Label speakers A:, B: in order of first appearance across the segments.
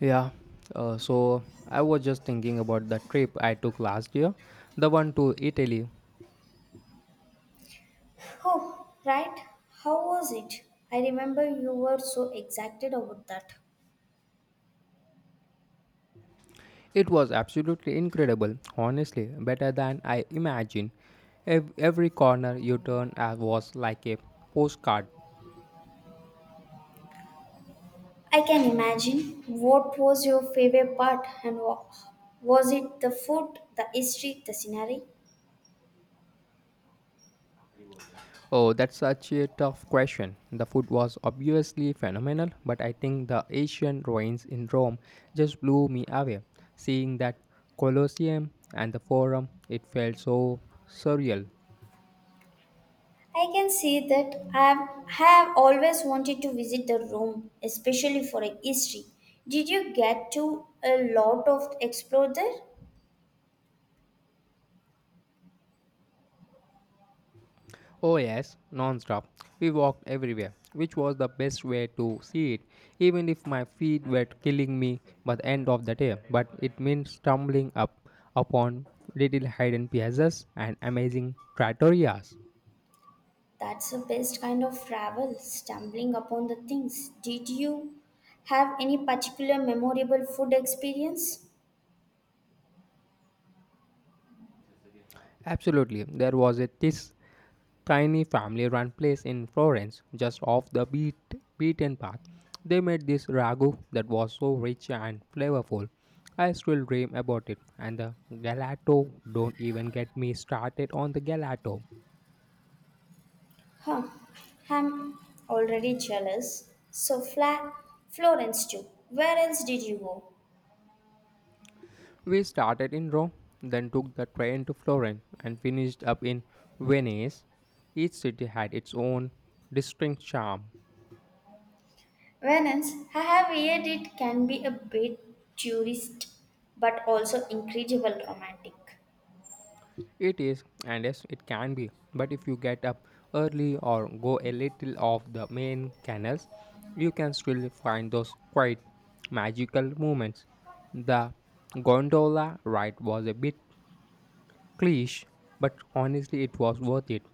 A: Yeah, so I was just thinking about the trip I took last year, the one to Italy.
B: Oh, right. How was it? I remember you were so excited about that.
A: It was absolutely incredible, honestly, better than I imagined. Every corner you turn at was like a postcard.
B: I can imagine. What was your favorite part and was it the food, the history, the scenery?
A: Oh, that's such a tough question. The food was obviously phenomenal, but I think the ancient ruins in Rome just blew me away. Seeing that Colosseum and the Forum, it felt so surreal.
B: I can see that I have always wanted to visit the Rome, especially for a history. Did you get to a lot of explore there?
A: Oh, yes, non-stop. We walked everywhere, which was the best way to see it, even if my feet were killing me by the end of the day. But it meant stumbling up upon little hidden piazzas and amazing trattorias.
B: That's the best kind of travel, stumbling upon the things. Did you have any particular memorable food experience?
A: Absolutely, there was a this tiny family run place in Florence, just off the beaten path. They made this ragu that was so rich and flavorful. I still dream about it. And the gelato, don't even get me started on the gelato.
B: Huh, I'm already jealous. So, Florence too. Where else did you go?
A: We started in Rome, then took the train to Florence, and finished up in Venice. Each city had its own distinct charm.
B: Venice, I have heard it can be a bit tourist but also incredible romantic.
A: It is, and yes, it can be. But if you get up early or go a little off the main canals, you can still find those quite magical moments. The gondola ride was a bit cliche, but honestly, it was worth it.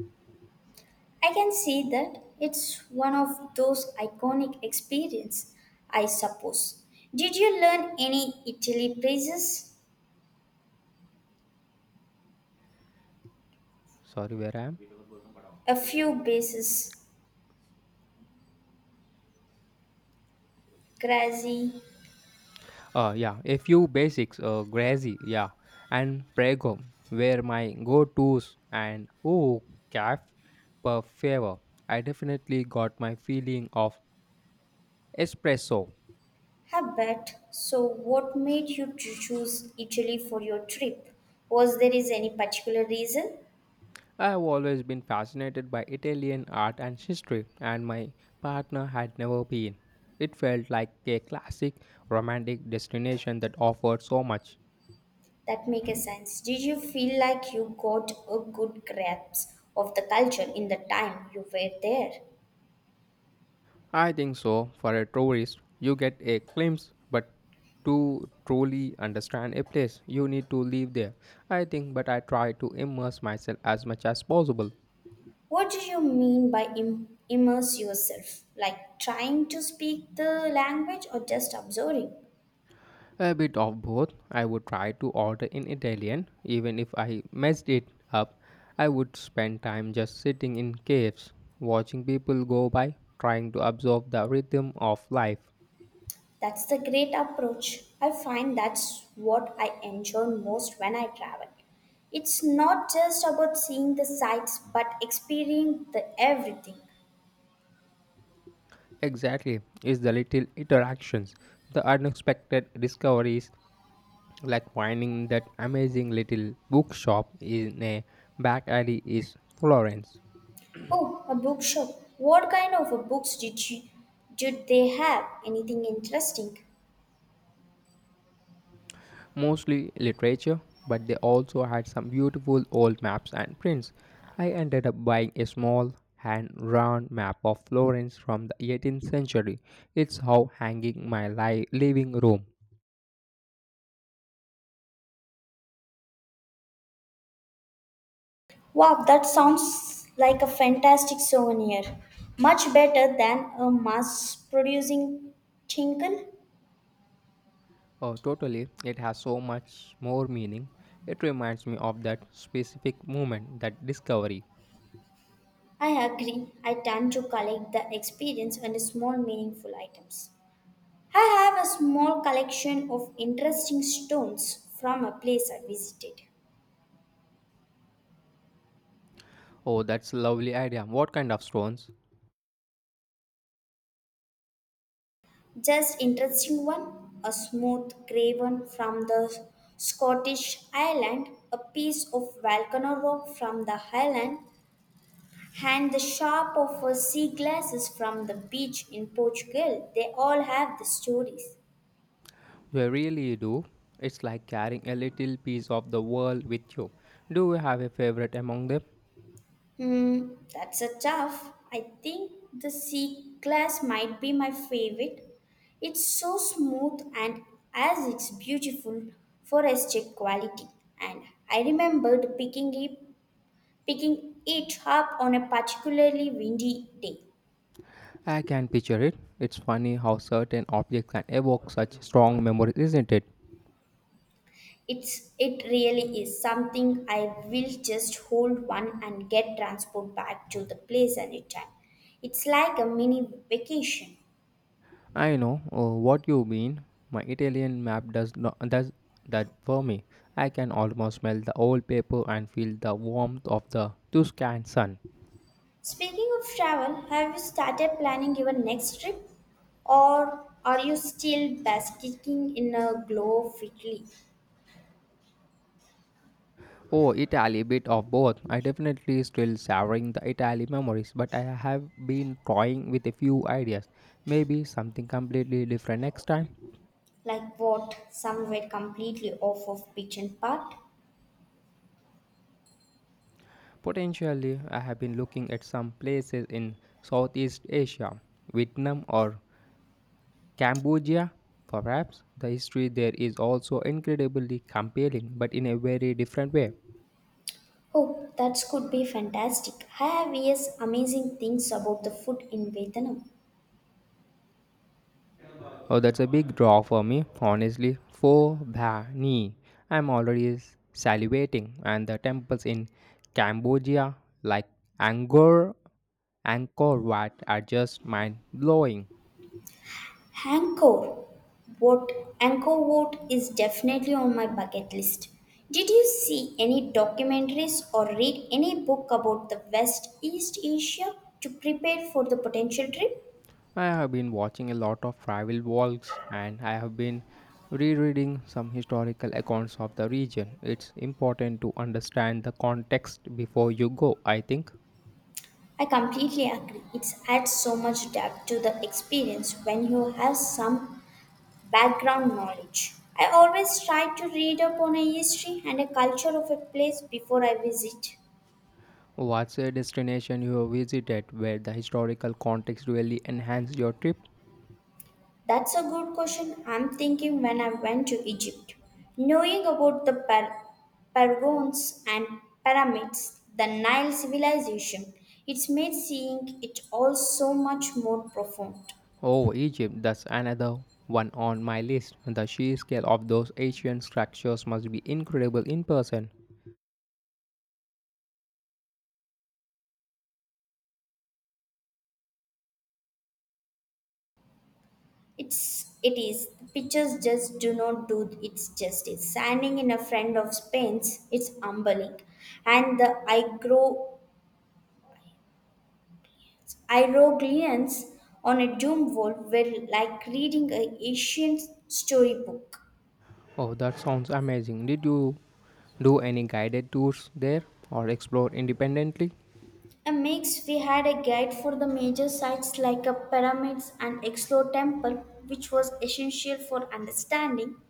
B: I can see that it's one of those iconic experience, I suppose. Did you learn any Italy phrases?
A: Sorry, where I am?
B: A few bases, crazy,
A: Yeah, a few basics, Grazi, yeah, and Prego were my go tos, and oh, caf per favor. I definitely got my feeling of espresso.
B: habit. So what made you to choose Italy for your trip? Was there is any particular reason?
A: I have always been fascinated by Italian art and history, and my partner had never been. It felt like a classic romantic destination that offered so much.
B: That make a sense. Did you feel like you got a good grasp of the culture in the time you were there?
A: I think so, for a tourist, you get a glimpse, but to truly understand a place, you need to live there. I think, but I try to immerse myself as much as possible.
B: What do you mean by immerse yourself? Like trying to speak the language or just observing?
A: A bit of both. I would try to order in Italian, even if I messed it up. I would spend time just sitting in caves, watching people go by, trying to absorb the rhythm of life.
B: That's the great approach. I find that's what I enjoy most when I travel. It's not just about seeing the sights but experiencing the everything.
A: Exactly, it's the little interactions, the unexpected discoveries, like finding that amazing little bookshop in a back alley in Florence.
B: Oh, a bookshop. What kind of a books did they have? Anything interesting?
A: Mostly literature, but they also had some beautiful old maps and prints. I ended up buying a small hand drawn map of Florence from the 18th century. It's how hanging my living room.
B: Wow, that sounds like a fantastic souvenir. Much better than a mass producing tinkle.
A: Oh, totally, it has so much more meaning. It reminds me of that specific moment, that discovery.
B: I agree. I tend to collect the experience and small meaningful items. I have a small collection of interesting stones from a place I visited.
A: Oh, that's a lovely idea. What kind of stones?
B: Just interesting one, a smooth grey one from the Scottish island, a piece of volcano rock from the highland. And the shop of sea glasses from the beach in Portugal. They all have the stories.
A: They really do. It's like carrying a little piece of the world with you. Do you have a favorite among them?
B: Hmm, that's a tough. I think the sea glass might be my favorite. It's so smooth and as it's beautiful for aesthetic quality. And I remembered picking it up on a particularly windy day.
A: I can picture it. It's funny how certain objects can evoke such strong memories, isn't it?
B: It really is something I will just hold one and get transport back to the place anytime. It's like a mini vacation.
A: I know what you mean. My Italian map does not does that for me. I can almost smell the old paper and feel the warmth of the Tuscan sun.
B: Speaking of travel, have you started planning your next trip? Or are you still basking in a glow of Italy?
A: Oh, Italy, bit of both. I definitely still savoring the Italy memories, but I have been toying with a few ideas. Maybe something completely different next time.
B: Like what? Somewhere completely off of beaten path?
A: Potentially, I have been looking at some places in Southeast Asia, Vietnam or Cambodia. Perhaps the history there is also incredibly compelling, but in a very different way.
B: Oh, that could be fantastic. I have heard amazing things about the food in Vietnam.
A: Oh, that's a big draw for me, honestly. Pho Ba Ni. I'm already salivating, and the temples in Cambodia, like Angkor, Angkor Wat, are just mind blowing.
B: Angkor what Angkor Wat is definitely on my bucket list. Did you see any documentaries or read any book about the West East Asia to prepare for the potential trip?
A: I have been watching a lot of travel vlogs and I have been rereading some historical accounts of the region. It's important to understand the context before you go, I think.
B: I completely agree. It adds so much depth to the experience when you have some background knowledge. I always try to read up on a history and a culture of a place before I visit.
A: What's a destination you have visited where the historical context really enhanced your trip?
B: That's a good question. I'm thinking when I went to Egypt, knowing about the Pergons and pyramids, the Nile civilization, it's made seeing it all so much more profound.
A: Oh, Egypt, that's another one on my list. The sheer scale of those ancient structures must be incredible in person.
B: It is the pictures just do not do its justice. Standing in a friend of Spain's, it's humbling, and the igro hieroglyphs on a doom wall were like reading an ancient storybook.
A: Oh, that sounds amazing. Did you do any guided tours there or explore independently?
B: A mix, we had a guide for the major sites like a pyramids and explore temple, which was essential for understanding.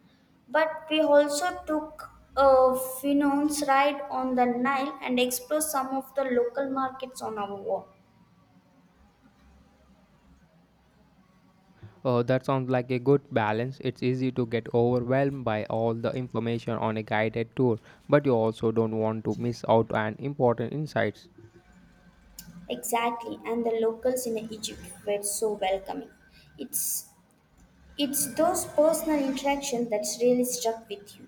B: But we also took a Finon's ride on the Nile and explored some of the local markets on our walk.
A: Oh, that sounds like a good balance. It's easy to get overwhelmed by all the information on a guided tour, but you also don't want to miss out on important insights.
B: Exactly, and the locals in Egypt were so welcoming. It's it's those personal interactions that's really stuck with you.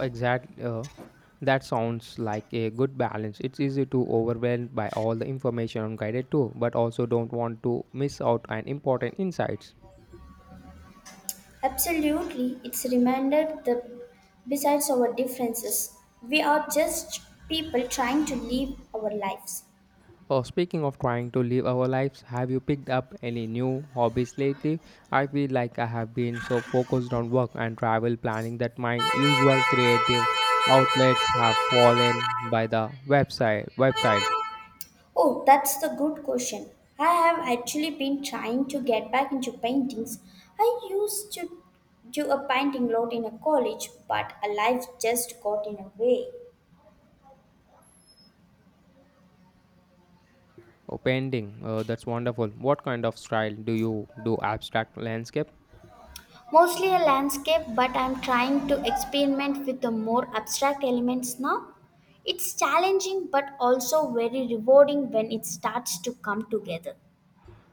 A: Exactly. That sounds like a good balance. It's easy to overwhelmed by all the information on guided tour, but also don't want to miss out on important insights.
B: Absolutely, it's reminded that besides our differences, we are just people trying to live our lives.
A: Oh, speaking of trying to live our lives, have you picked up any new hobbies lately? I feel like I have been so focused on work and travel planning that my usual creative outlets have fallen by the website.
B: Oh, that's the good question. I have actually been trying to get back into paintings. I used to do a painting lot in a college, but a life just got in a way.
A: Oh, painting. Oh, that's wonderful. What kind of style do you do? Abstract landscape?
B: Mostly a landscape, but I'm trying to experiment with the more abstract elements now. It's challenging but also very rewarding when it starts to come together.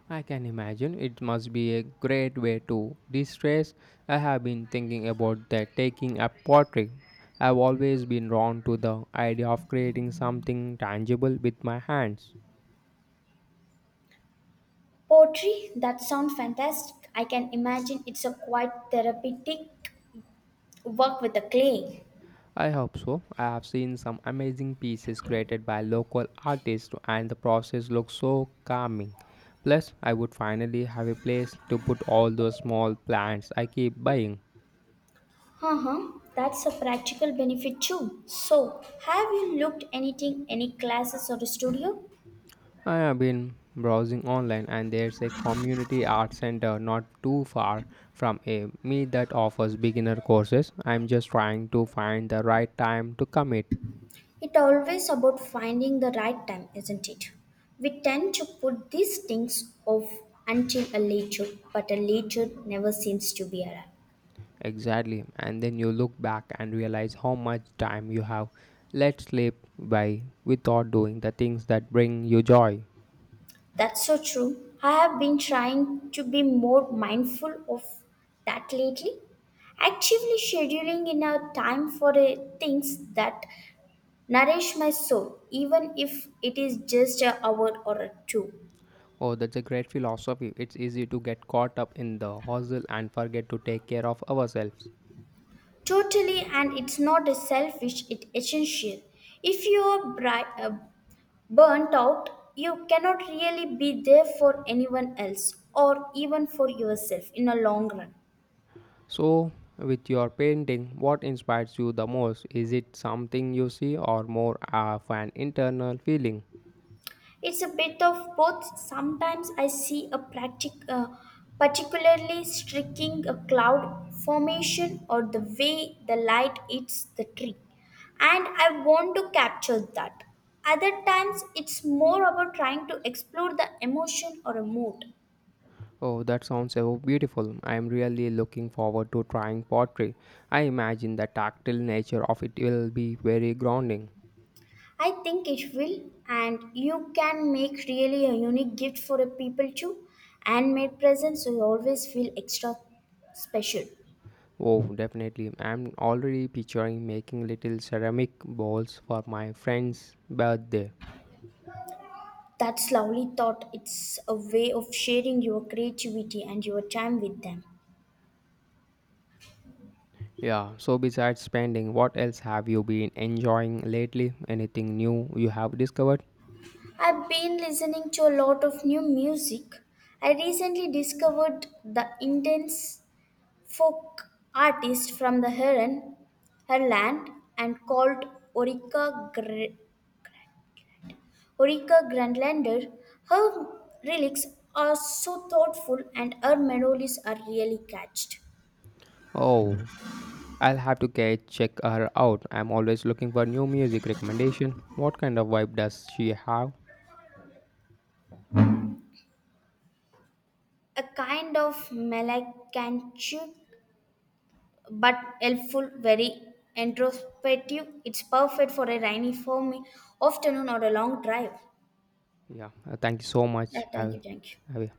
A: I can imagine it must be a great way to de stress. I have been thinking about that taking a portrait. I've always been drawn to the idea of creating something tangible with my hands.
B: Poetry, that sounds fantastic. I can imagine it's a quite therapeutic work with the clay.
A: I hope so. I have seen some amazing pieces created by local artists, and the process looks so calming. Plus, I would finally have a place to put all those small plants I keep buying.
B: Uh-huh. That's a practical benefit too. So, have you looked anything, any classes or a studio?
A: I have been browsing online and there's a community art center not too far from a me that offers beginner courses. I'm just trying to find the right time to commit.
B: It's always about finding the right time, isn't it? We tend to put these things off until a later, but a later never seems to be around.
A: Exactly. And then you look back and realize how much time you have let slip by without doing the things that bring you joy.
B: That's so true. I have been trying to be more mindful of that lately. Actively scheduling in a time for things that nourish my soul, even if it is just an hour or a two.
A: Oh, that's a great philosophy. It's easy to get caught up in the hustle and forget to take care of ourselves.
B: Totally, and it's not a selfish, it's essential. If you are burnt out, you cannot really be there for anyone else or even for yourself in a long run.
A: So, with your painting, what inspires you the most? Is it something you see or more of an internal feeling?
B: It's a bit of both. Sometimes I see a particularly streaking a cloud formation or the way the light hits the tree, and I want to capture that. Other times, it's more about trying to explore the emotion or a mood.
A: Oh, that sounds so beautiful. I am really looking forward to trying pottery. I imagine the tactile nature of it will be very grounding.
B: I think it will, and you can make really a unique gift for a people too. Handmade presents will always feel extra special.
A: Oh, definitely. I'm already picturing making little ceramic bowls for my friend's birthday.
B: That's lovely thought. It's a way of sharing your creativity and your time with them.
A: Yeah, so besides spending, what else have you been enjoying lately? Anything new you have discovered?
B: I've been listening to a lot of new music. I recently discovered the intense folk artist from the Heron, her land, and called Orika Gre- Ulrika Grönlander. Her relics are so thoughtful and her melodies are really catched.
A: Oh, I'll have to get check her out. I'm always looking for new music recommendation. What kind of vibe does she have?
B: A kind of melancholy but helpful, very introspective. It's perfect for a rainy, foamy afternoon or a long drive.
A: Yeah, thank you so
B: Yeah,
A: much.
B: thank you, thank you.
A: Have a